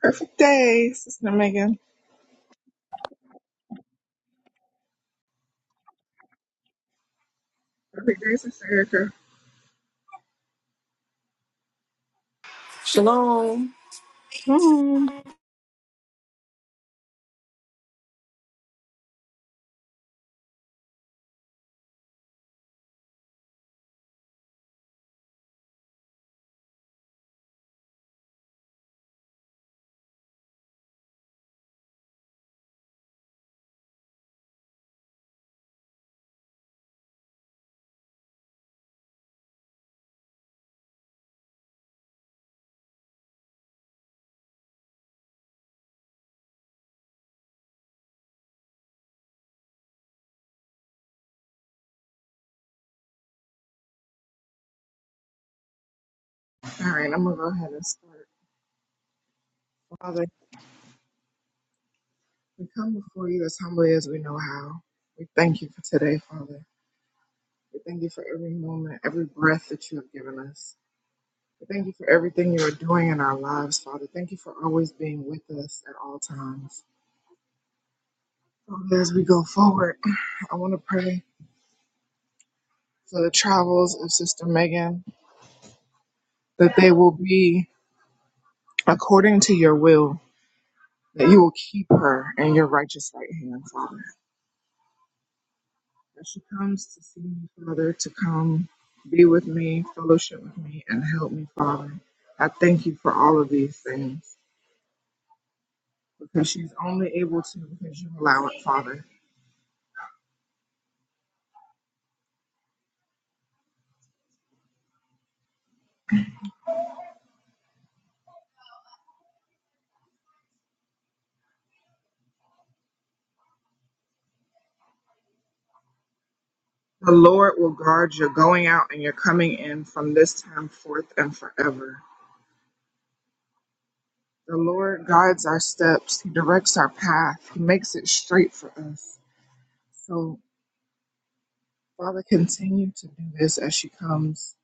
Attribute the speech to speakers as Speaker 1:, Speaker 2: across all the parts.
Speaker 1: Perfect day, Sister Megan. Perfect day, Sister Erica.
Speaker 2: Shalom.
Speaker 3: Mm.
Speaker 1: All right, I'm going to go ahead and start. Father, we come before you as humbly as we know how. We thank you for today, Father. We thank you for every moment, every breath that you have given us. We thank you for everything you are doing in our lives, Father. Thank you for always being with us at all times. Father, as we go forward, I want to pray for the travels of Sister Megan that they will be according to your will, that you will keep her in your righteous right hand, Father. that she comes to see me, Father, to come be with me, fellowship with me, and help me, Father. I thank you for all of these things because she's only able to because you allow it, Father. The Lord will guard your going out and your coming in from this time forth and forever. The Lord guides our steps, He directs our path, He makes it straight for us. So, Father, continue to do this as she comes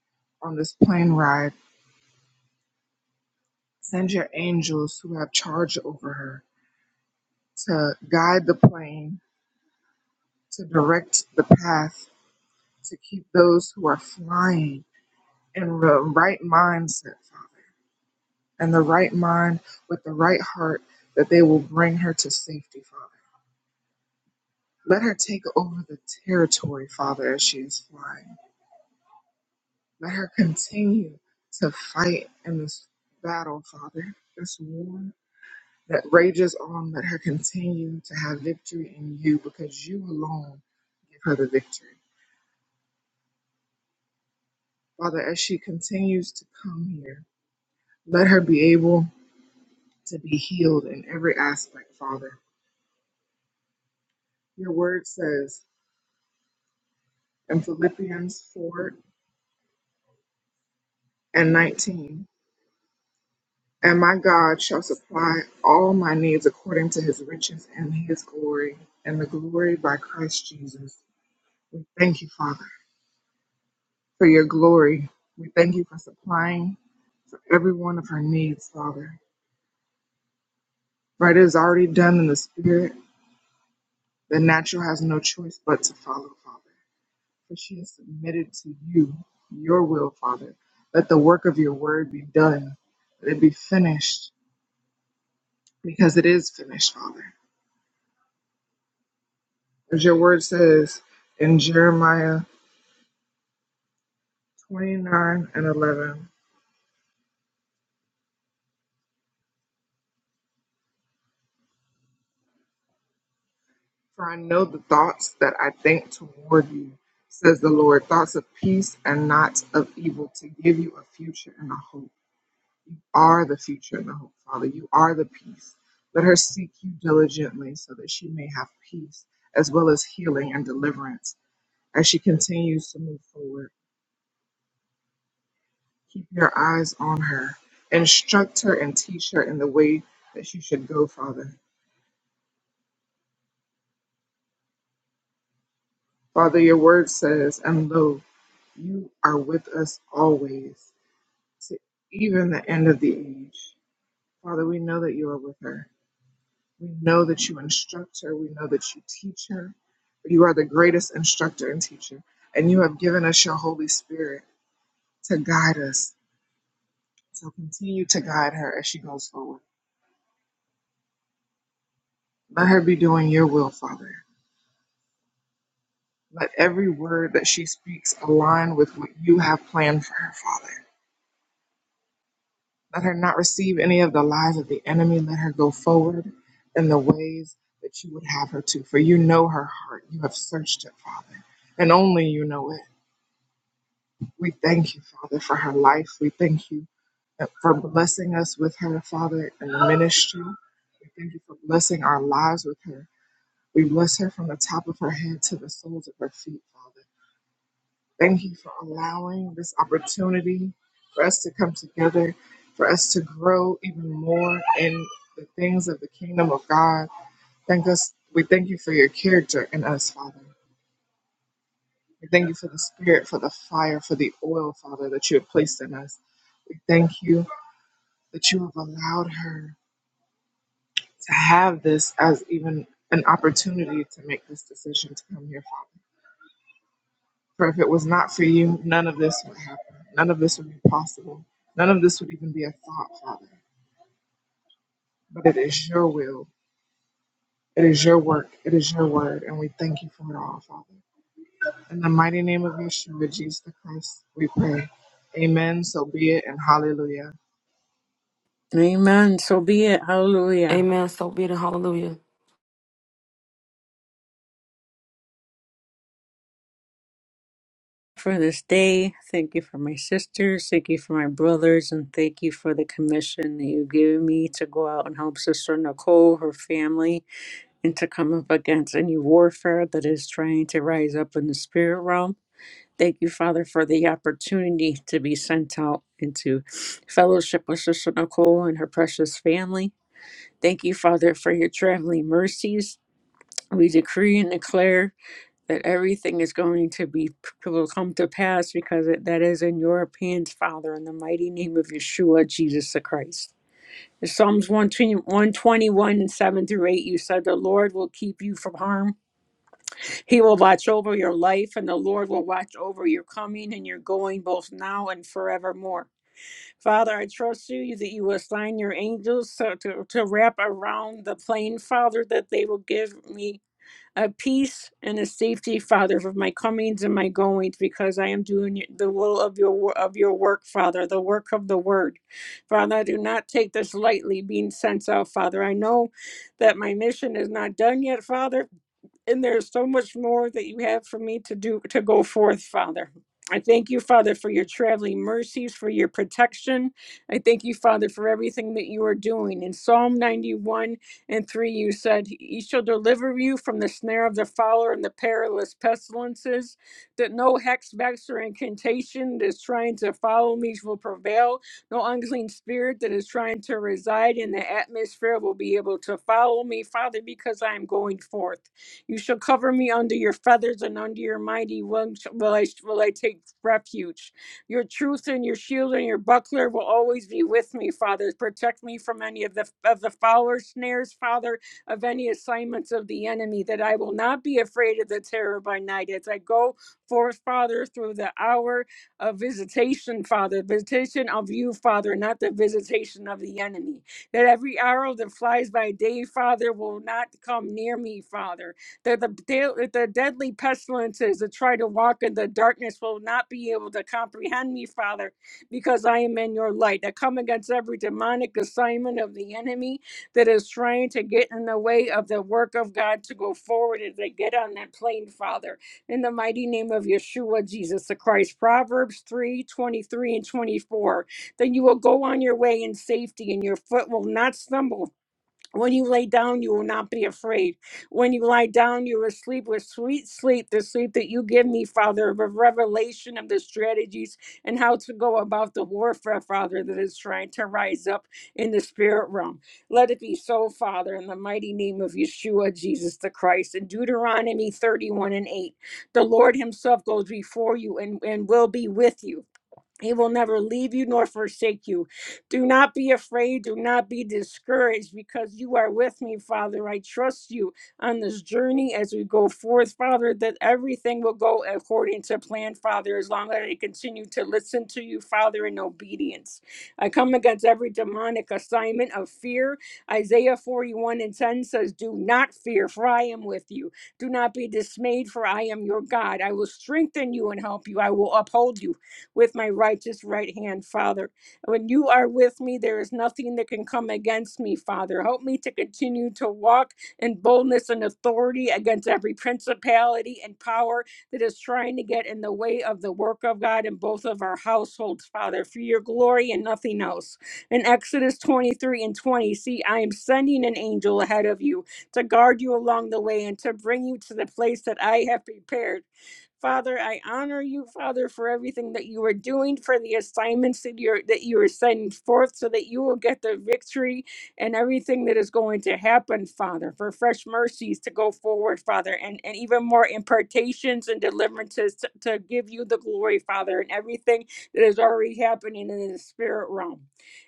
Speaker 1: on this plane ride. Send your angels who have charge over her to guide the plane, to direct the path, to keep those who are flying in the right mindset, Father, and the right mind with the right heart that they will bring her to safety, Father. Let her take over the territory, Father, as she is flying. Let her continue to fight in this battle, Father, this war that rages on. Let her continue to have victory in you because you alone give her the victory. Father, as she continues to come here, let her be able to be healed in every aspect, Father. Your word says in Philippians 4 and 19, and my God shall supply all my needs according to his riches and his glory, and the glory by Christ Jesus. We thank you, Father, for your glory. We thank you for supplying for every one of her needs, Father. For it is already done in the spirit. The natural has no choice but to follow, Father. for she has submitted to you your will, Father. Let the work of your word be done. Let it be finished, because it is finished, Father. As your word says in Jeremiah 29 and 11, For I know the thoughts that I think toward you, says the Lord, thoughts of peace and not of evil, to give you a future and a hope. You are the future and the hope, Father. You are the peace. Let her seek you diligently so that she may have peace as well as healing and deliverance as she continues to move forward. Keep your eyes on her. Instruct her and teach her in the way that she should go, Father. Father, your word says, and lo, you are with us always, to even the end of the age. Father, we know that you are with her. We know that you instruct her. We know that you teach her. You are the greatest instructor and teacher, and you have given us your Holy Spirit to guide us. So continue to guide her as she goes forward. Let her be doing your will, Father. Let every word that she speaks align with what you have planned for her, Father. Let her not receive any of the lies of the enemy. Let her go forward in the ways that you would have her to, for you know her heart. You have searched it, Father, and only you know it. We thank you, Father, for her life. We thank you for blessing us with her, Father, in the ministry. We thank you for blessing our lives with her. We bless her from the top of her head to the soles of her feet, Father. Thank you for allowing this opportunity for us to come together, for us to grow even more in the things of the kingdom of God. Thank us. We thank you for your character in us, Father. We thank you for the spirit, for the fire, for the oil, Father, that you have placed in us. We thank you that you have allowed her to have this as even an opportunity to make this decision to come here, Father. For if it was not for you, none of this would happen. None of this would be possible. None of this would even be a thought, Father. But it is your will. It is your work. It is your word. And we thank you for it all, Father. In the mighty name of Yeshua, Jesus the Christ, we pray. Amen. So be it and hallelujah.
Speaker 3: Amen. So be it. Hallelujah.
Speaker 2: Amen. So be it and hallelujah.
Speaker 3: For this day, thank you for my sisters, thank you for my brothers, and thank you for the commission that you've given me to go out and help Sister Nicole, her family, and to come up against any warfare that is trying to rise up in the spirit realm. Thank you, Father, for the opportunity to be sent out into fellowship with Sister Nicole and her precious family. Thank you, Father, for your traveling mercies. We decree and declare that everything is going to be will come to pass because it, that is in your hands, Father, in the mighty name of Yeshua, Jesus the Christ. In Psalms 120 121 and 7 through 8, you said, The Lord will keep you from harm. He will watch over your life, and the Lord will watch over your coming and your going, both now and forevermore. Father, I trust you that you will assign your angels to, to, to wrap around the plane, Father, that they will give me a peace and a safety, Father, of my comings and my goings, because I am doing the will of your of your work, Father, the work of the Word, Father. I do not take this lightly, being sent out, Father. I know that my mission is not done yet, Father and there's so much more that you have for me to do to go forth, Father. I thank you, Father, for your traveling mercies, for your protection. I thank you, Father, for everything that you are doing. In Psalm 91 and 3, you said, He shall deliver you from the snare of the fowler and the perilous pestilences, that no hex, vex, or incantation that is trying to follow me will prevail. No unclean spirit that is trying to reside in the atmosphere will be able to follow me, Father, because I am going forth. You shall cover me under your feathers, and under your mighty wings will I, will I take refuge. Your truth and your shield and your buckler will always be with me, Father. Protect me from any of the of the fowler snares, Father, of any assignments of the enemy, that I will not be afraid of the terror by night. As I go forth, Father, through the hour of visitation, Father, visitation of you, Father, not the visitation of the enemy. That every arrow that flies by day, Father, will not come near me, Father that the, the deadly pestilences that try to walk in the darkness will not be able to comprehend me, Father, because I am in your light. I come against every demonic assignment of the enemy that is trying to get in the way of the work of God to go forward as they get on that plane, Father. In the mighty name of Yeshua, Jesus the Christ. Proverbs 3 23 and 24. Then you will go on your way in safety, and your foot will not stumble. When you lay down, you will not be afraid. When you lie down, you will sleep with sweet sleep, the sleep that you give me, Father, of a revelation of the strategies and how to go about the warfare, Father, that is trying to rise up in the spirit realm. Let it be so, Father, in the mighty name of Yeshua, Jesus the Christ. In Deuteronomy 31 and 8, the Lord Himself goes before you and, and will be with you. He will never leave you nor forsake you. Do not be afraid. Do not be discouraged because you are with me, Father. I trust you on this journey as we go forth, Father, that everything will go according to plan, Father, as long as I continue to listen to you, Father, in obedience. I come against every demonic assignment of fear. Isaiah 41 and 10 says, Do not fear, for I am with you. Do not be dismayed, for I am your God. I will strengthen you and help you. I will uphold you with my righteous right hand, Father. When you are with me, there is nothing that can come against me, Father. Help me to continue to walk in boldness and authority against every principality and power that is trying to get in the way of the work of God in both of our households, Father, for your glory and nothing else. In Exodus 23 and 20, see, I am sending an angel ahead of you to guard you along the way and to bring you to the place that I have prepared. Father, I honor you, Father, for everything that you are doing, for the assignments that you're that you are sending forth, so that you will get the victory and everything that is going to happen, Father, for fresh mercies to go forward, Father, and, and even more impartations and deliverances to, to give you the glory, Father, and everything that is already happening in the spirit realm.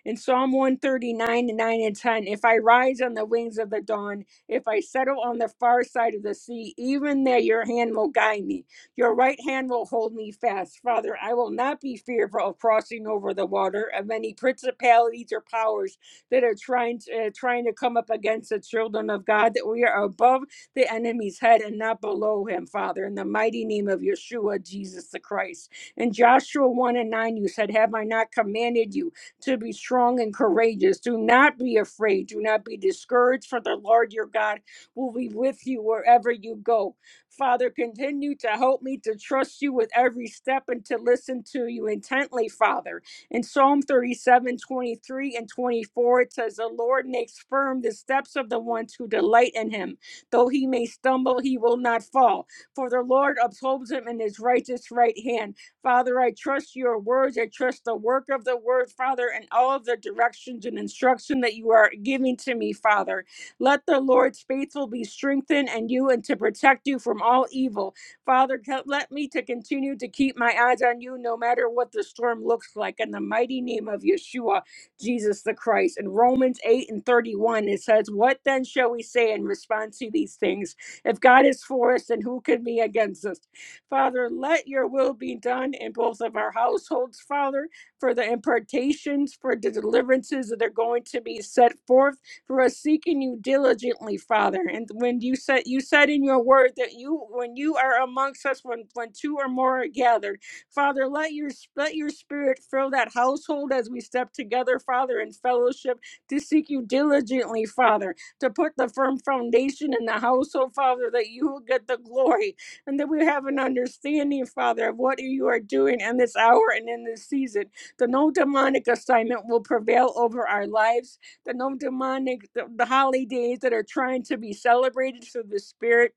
Speaker 3: In Psalm 139, 9 and 10, if I rise on the wings of the dawn, if I settle on the far side of the sea, even there your hand will guide me. Your right hand will hold me fast. Father, I will not be fearful of crossing over the water of any principalities or powers that are trying to, uh, trying to come up against the children of God, that we are above the enemy's head and not below him, Father, in the mighty name of Yeshua, Jesus the Christ. In Joshua 1 and 9, you said, Have I not commanded you to be strong and courageous? Do not be afraid. Do not be discouraged, for the Lord your God will be with you wherever you go. Father, continue to help me to trust you with every step and to listen to you intently, Father. In Psalm 37:23 and 24, it says, The Lord makes firm the steps of the ones who delight in him. Though he may stumble, he will not fall. For the Lord upholds him in his righteous right hand. Father, I trust your words. I trust the work of the word, Father, and all of the directions and instruction that you are giving to me, Father. Let the Lord's faithful be strengthened and you and to protect you from all evil. Father, co- let me to continue to keep my eyes on you no matter what the storm looks like. In the mighty name of Yeshua, Jesus the Christ. In Romans 8 and 31, it says, What then shall we say in response to these things? If God is for us, then who can be against us? Father, let your will be done in both of our households, Father, for the impartations, for the deliverances that are going to be set forth for us seeking you diligently, Father. And when you said you said in your word that you when you are amongst us, when when two or more are gathered, Father, let your let your spirit fill that household as we step together, Father, in fellowship to seek you diligently, Father, to put the firm foundation in the household, Father, that you will get the glory and that we have an understanding, Father, of what you are doing in this hour and in this season. That no demonic assignment will prevail over our lives the no demonic, the, the holidays that are trying to be celebrated through the Spirit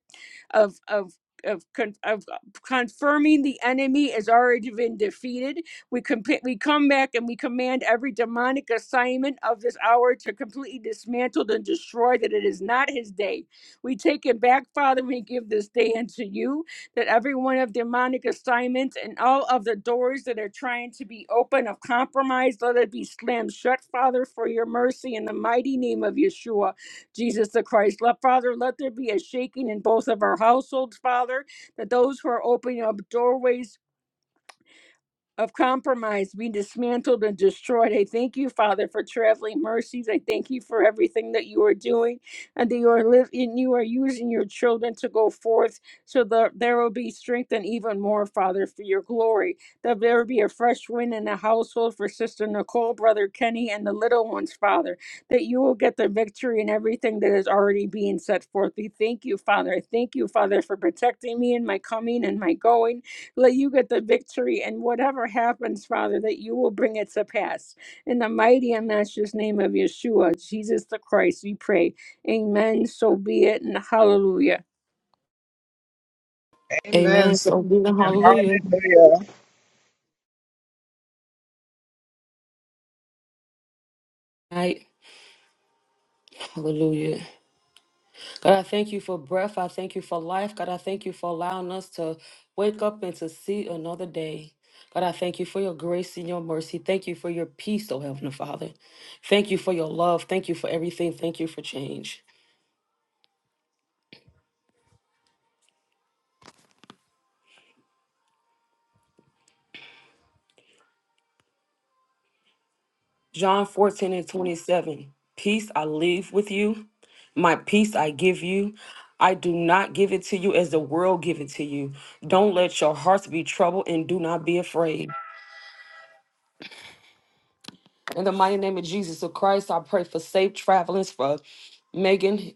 Speaker 3: of of of, con- of uh, confirming the enemy has already been defeated. We comp- we come back and we command every demonic assignment of this hour to completely dismantle and destroy that it is not his day. We take it back, Father, we give this day unto you that every one of demonic assignments and all of the doors that are trying to be open of compromise, let it be slammed shut, Father, for your mercy in the mighty name of Yeshua. Jesus the Christ. Let, Father, let there be a shaking in both of our households, Father, that those who are opening up doorways of compromise be dismantled and destroyed. I thank you, Father, for traveling mercies. I thank you for everything that you are doing and that you are living, you are using your children to go forth so that there will be strength and even more, Father, for your glory. That there will be a fresh wind in the household for Sister Nicole, Brother Kenny, and the little ones, Father, that you will get the victory in everything that is already being set forth. We thank you, Father. I thank you, Father, for protecting me in my coming and my going. Let you get the victory, and whatever happens, Father, that you will bring it to pass. In the mighty and matchless name of Yeshua, Jesus the Christ, we pray. Amen. So be it, and hallelujah.
Speaker 1: Amen.
Speaker 2: Amen.
Speaker 1: So be
Speaker 2: So be it. and
Speaker 1: it, and
Speaker 2: Hallelujah.
Speaker 1: hallelujah.
Speaker 2: Right. Hallelujah. God, I thank you for breath. I thank you for life. God, I thank you for allowing us to wake up and to see another day. God, I thank you for your grace and your mercy. Thank you for your peace, oh Heavenly Father. Thank you for your love. Thank you for everything. Thank you for change. John 14 and 27. Peace I leave with you, my peace I give you. I do not give it to you as the world give it to you. Don't let your hearts be troubled and do not be afraid. In the mighty name of Jesus of Christ, I pray for safe travelings for Megan.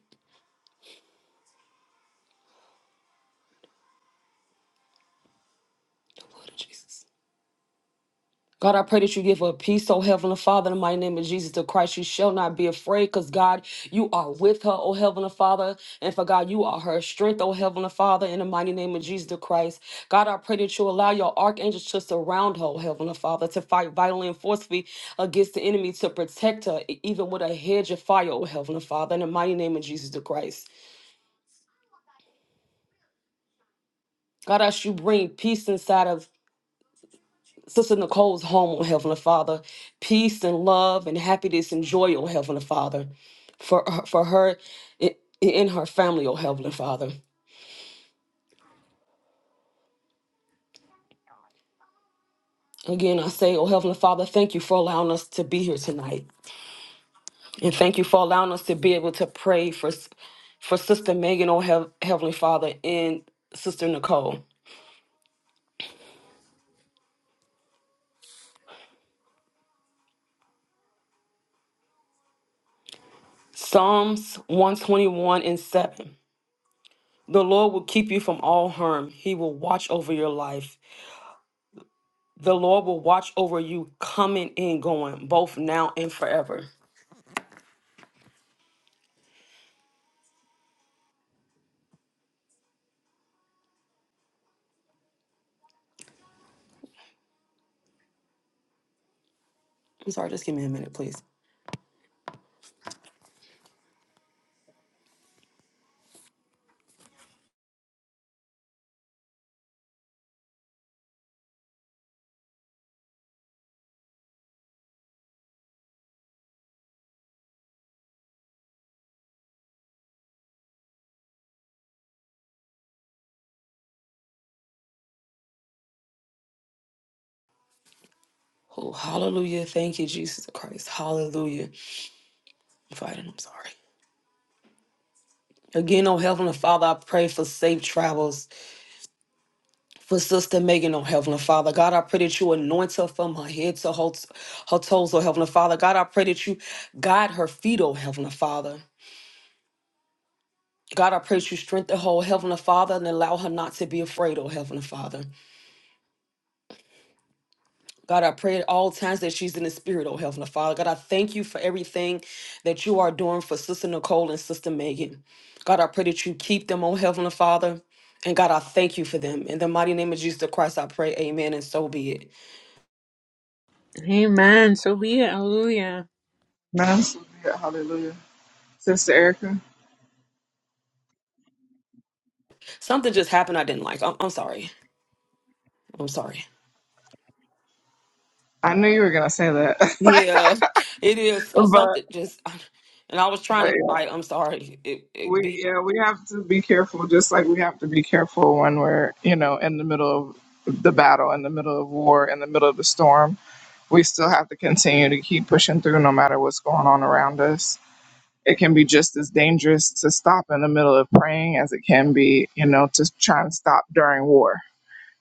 Speaker 2: God, I pray that you give her peace, oh Heavenly Father, in the mighty name of Jesus the Christ. She shall not be afraid because, God, you are with her, oh Heavenly Father. And for God, you are her strength, oh Heavenly Father, in the mighty name of Jesus the Christ. God, I pray that you allow your archangels to surround her, oh Heavenly Father, to fight vitally and forcefully against the enemy, to protect her, e- even with a hedge of fire, oh Heavenly Father, in the mighty name of Jesus the Christ. God, as you bring peace inside of Sister Nicole's home, oh Heavenly Father. Peace and love and happiness and joy, oh Heavenly Father, for her, for her i- in her family, oh Heavenly Father. Again, I say, oh Heavenly Father, thank you for allowing us to be here tonight, and thank you for allowing us to be able to pray for s- for Sister Megan, oh Hev- Heavenly Father, and Sister Nicole. Psalms one twenty one and seven. The Lord will keep you from all harm. He will watch over your life. The Lord will watch over you coming and going, both now and forever. I'm sorry, just give me a minute, please. Oh, hallelujah. Thank you, Jesus Christ. Hallelujah. I'm fighting. I'm sorry. Again, oh Heavenly Father, I pray for safe travels for Sister Megan, oh Heavenly Father. God, I pray that you anoint her from her head to her, her toes, oh Heavenly Father. God, I pray that you guide her feet, oh Heavenly Father. God, I pray that you strengthen her, oh Heavenly Father, and allow her not to be afraid, oh Heavenly Father. God, I pray at all times that she's in the spirit, oh Heavenly Father. God, I thank you for everything that you are doing for Sister Nicole and Sister Megan. God, I pray that you keep them, oh Heavenly Father. And God, I thank you for them. In the mighty name of Jesus the Christ, I pray, amen, and so be it.
Speaker 3: Amen. So be it. Hallelujah.
Speaker 1: Amen. So be it. Hallelujah. Sister Erica.
Speaker 2: Something just happened I didn't like. I'm, I'm sorry. I'm sorry.
Speaker 1: I knew you were gonna say that,
Speaker 2: Yeah, it is. So-
Speaker 1: but
Speaker 2: Something just, and I was
Speaker 1: but
Speaker 2: trying to
Speaker 1: yeah,
Speaker 2: fight. I'm sorry. It, it
Speaker 1: we
Speaker 2: be,
Speaker 1: yeah we have to be careful, just like we have to be careful when we're you know in the middle of the battle, in the middle of war, in the middle of the storm. We still have to continue to keep pushing through, no matter what's going on around us. It can be just as dangerous to stop in the middle of praying as it can be, you know, to try and stop during war.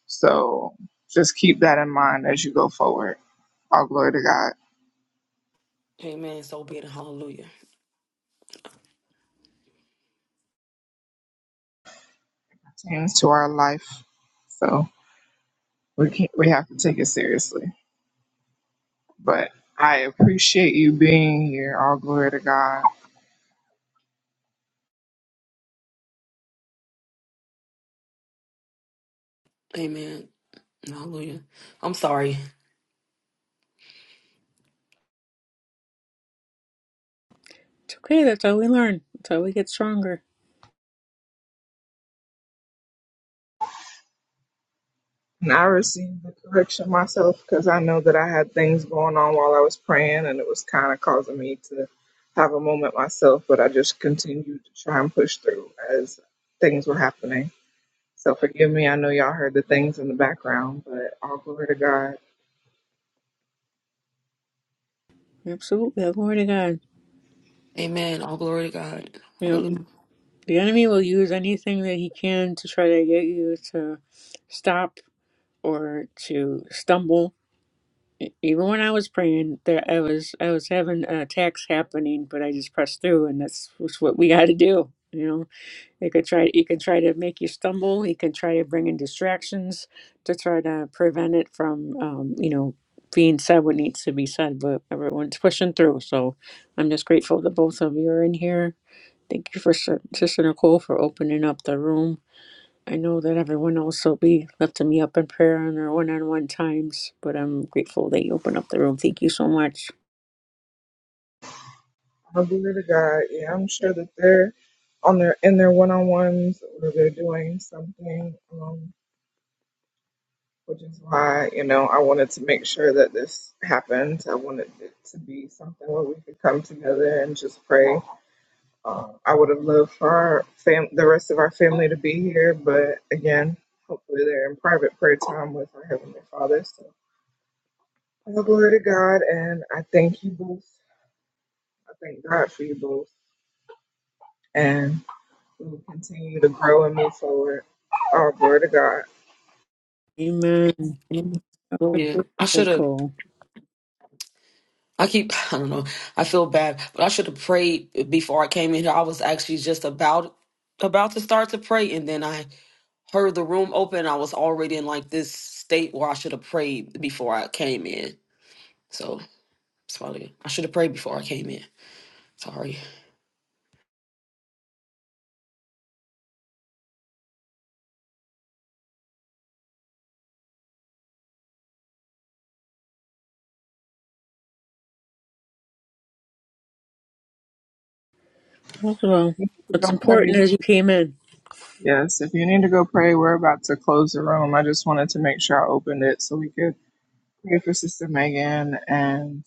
Speaker 1: So just keep that in mind as you go forward. All glory to God.
Speaker 2: amen, so be it. Hallelujah.
Speaker 1: Seems to our life. So. we can't we have to take it seriously. But I appreciate you being here. All glory to God.
Speaker 2: Amen. Hallelujah. I'm sorry.
Speaker 3: It's okay. That's how we learn. That's how we get stronger.
Speaker 1: And I received the correction myself because I know that I had things going on while I was praying, and it was kind of causing me to have a moment myself. But I just continued to try and push through as things were happening. So forgive me. I know y'all heard the things in the background, but all glory to God.
Speaker 3: Absolutely. Glory to God.
Speaker 2: Amen. All glory to God.
Speaker 3: You know,
Speaker 2: Hallelujah.
Speaker 3: the enemy will use anything that he can to try to get you to stop or to stumble e- even when I was praying, there I was I was having uh, attacks happening, but I just pressed through, and that's was what we got to do. You know, it could try it can try to make you stumble. He can try to bring in distractions to try to prevent it from um, you know being said what needs to be said. But everyone's pushing through, so I'm just grateful that both of you are in here. Thank you for Sis- Sister Nicole for opening up the room I know that everyone else will be lifting me up in prayer in their one on one times, but I'm grateful that you open up the room. Thank you so much.
Speaker 1: All glory to God. Yeah, I'm sure that they're on their in their one on ones or they're doing something. Um, which is why you know I wanted to make sure that this happened. I wanted it to be something where we could come together and just pray. Uh, I would have loved for our fam- the rest of our family to be here, but again, hopefully they're in private prayer time with our heavenly Father. So, all glory to God, and I thank you both. I thank God for you both, and we will continue to grow and move forward. All glory to God.
Speaker 3: Amen.
Speaker 2: Yeah. I should have.
Speaker 3: Nicole.
Speaker 2: I keep. I don't know. I feel bad, but I should have prayed before I came in here. I was actually just about about to start to pray, and then I heard the room open. I was already in like this state where I should have prayed before I came in. So it's probably I should have prayed before I came in. Sorry.
Speaker 3: That's well.
Speaker 1: We have
Speaker 3: What's
Speaker 1: to go pray.
Speaker 3: important is you came in.
Speaker 1: Yes, if you need to go pray, we're about to close the room. I just wanted to make sure I opened it so we could pray for Sister Megan and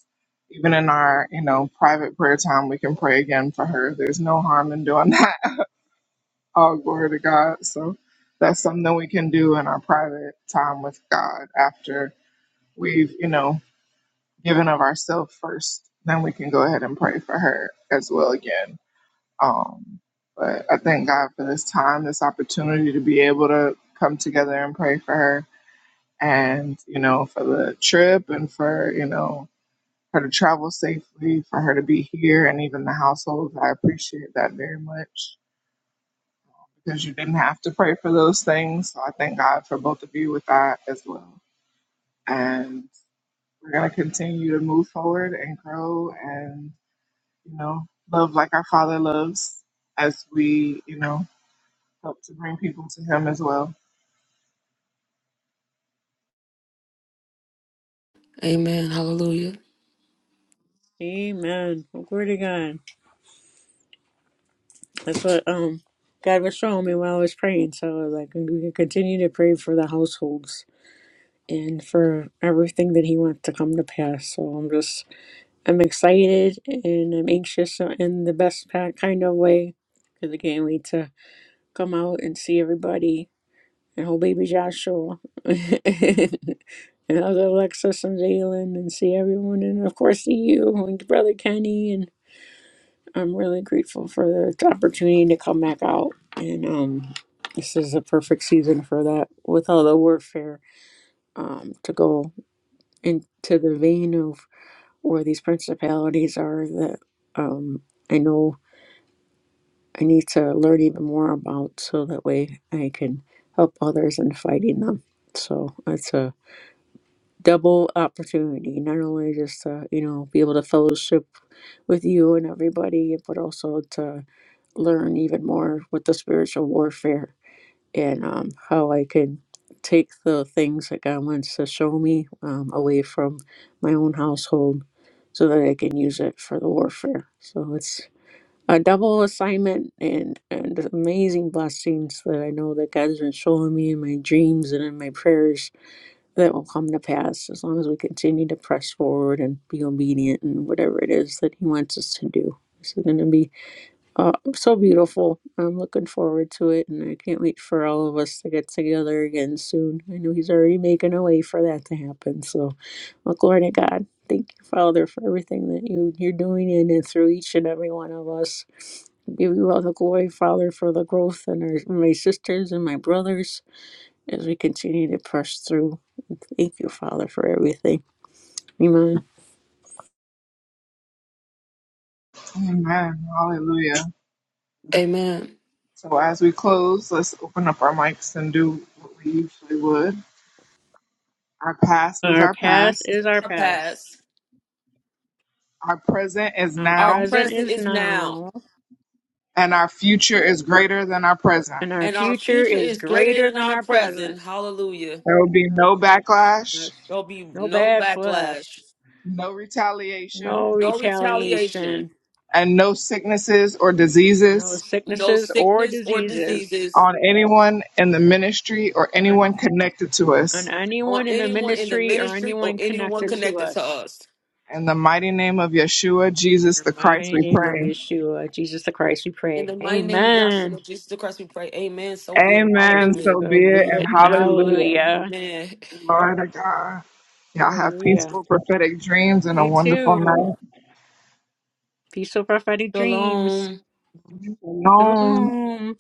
Speaker 1: even in our, you know, private prayer time, we can pray again for her. There's no harm in doing that. All glory to God. So that's something we can do in our private time with God after we've, you know, given of ourselves first. Then we can go ahead and pray for her as well again. Um, but I thank God for this time, this opportunity to be able to come together and pray for her and, you know, for the trip and for, you know, her to travel safely, for her to be here and even the household. I appreciate that very much because you didn't have to pray for those things. So I thank God for both of you with that as well. And we're going to continue to move forward and grow and, you know, love like our Father loves as we, you know, help to bring people to Him as well.
Speaker 2: Amen. Hallelujah.
Speaker 3: Amen. Well, glory to God. That's what um God was showing me while I was praying. So I was like, we can continue to pray for the households and for everything that He wants to come to pass. So I'm just, I'm excited and I'm anxious in the best pa- kind of way. Because I can't wait to come out and see everybody and whole baby Joshua and other Alexis and Jalen and see everyone and of course see you and brother Kenny and I'm really grateful for the opportunity to come back out and um this is a perfect season for that with all the warfare um to go into the vein of where these principalities are that um I know I need to learn even more about so that way I can help others in fighting them. So it's a double opportunity, not only just to, you know, be able to fellowship with you and everybody, but also to learn even more with the spiritual warfare and um, how I can take the things that God wants to show me um, away from my own household so that I can use it for the warfare. So it's a double assignment and and the amazing blessings that I know that God has been showing me in my dreams and in my prayers that will come to pass as long as we continue to press forward and be obedient and whatever it is that He wants us to do. This is going to be uh, so beautiful. I'm looking forward to it, and I can't wait for all of us to get together again soon. I know He's already making a way for that to happen. So, well, glory to God. Thank you, Father, for everything that you, you're doing in and through each and every one of us. Give you all the glory, Father, for the growth in our, my sisters and my brothers as we continue to press through. Thank you, Father, for everything. Amen.
Speaker 1: Amen. Hallelujah.
Speaker 2: Amen.
Speaker 1: So as we close, let's open up our mics and do what we usually would. Our past is
Speaker 3: Our
Speaker 1: our
Speaker 3: past
Speaker 1: past,
Speaker 3: is our
Speaker 2: Our
Speaker 3: past.
Speaker 2: past,
Speaker 1: our present is
Speaker 3: Our
Speaker 2: our
Speaker 1: now,
Speaker 3: present
Speaker 2: present
Speaker 3: is
Speaker 2: is now,
Speaker 3: now,
Speaker 1: and our future is greater than our present.
Speaker 3: and our
Speaker 2: and our
Speaker 3: future
Speaker 2: future
Speaker 3: is
Speaker 2: is greater
Speaker 3: greater
Speaker 2: than
Speaker 3: than
Speaker 2: our
Speaker 3: our present.
Speaker 2: present. Hallelujah.
Speaker 1: There will be
Speaker 3: Oh,
Speaker 1: no backlash,
Speaker 3: yes.
Speaker 2: There'll be
Speaker 3: No
Speaker 2: no
Speaker 3: backlash,
Speaker 2: backlash,
Speaker 1: no retaliation,
Speaker 3: no
Speaker 2: no retaliation,
Speaker 3: retaliation,
Speaker 1: and no sicknesses or
Speaker 3: no
Speaker 1: diseases
Speaker 2: no
Speaker 3: sicknesses or
Speaker 2: sickness or
Speaker 3: diseases
Speaker 2: diseases
Speaker 1: on anyone in the ministry or
Speaker 3: on,
Speaker 1: anyone connected to
Speaker 3: on
Speaker 1: us.
Speaker 2: on
Speaker 3: anyone in the
Speaker 2: anyone in the
Speaker 3: ministry or
Speaker 2: ministry or
Speaker 3: anyone
Speaker 2: anyone
Speaker 3: connected to
Speaker 2: connected
Speaker 3: us.
Speaker 2: to us.
Speaker 1: In the mighty name of Yeshua,
Speaker 3: In
Speaker 1: Jesus
Speaker 3: the
Speaker 1: the Christ,
Speaker 3: mighty
Speaker 1: we
Speaker 3: name of
Speaker 1: pray.
Speaker 3: Yeshua, Jesus the Christ, we
Speaker 2: In
Speaker 3: pray.
Speaker 2: the mighty name of
Speaker 3: Amen.
Speaker 2: Yahshua Jesus the Christ, we pray. Amen. So be it. And
Speaker 3: That
Speaker 1: Amen.
Speaker 3: is
Speaker 2: Hallelujah.
Speaker 1: So be
Speaker 3: so be
Speaker 1: it and
Speaker 3: it. And
Speaker 1: hallelujah.
Speaker 3: hallelujah.
Speaker 2: Amen.
Speaker 1: Glory to God. Y'all have
Speaker 3: Hallelujah.
Speaker 1: peaceful prophetic dreams and a
Speaker 3: You
Speaker 1: wonderful
Speaker 3: too.
Speaker 1: night.
Speaker 3: Peaceful prophetic dreams.
Speaker 2: Shalom.
Speaker 1: Shalom.
Speaker 3: Shalom.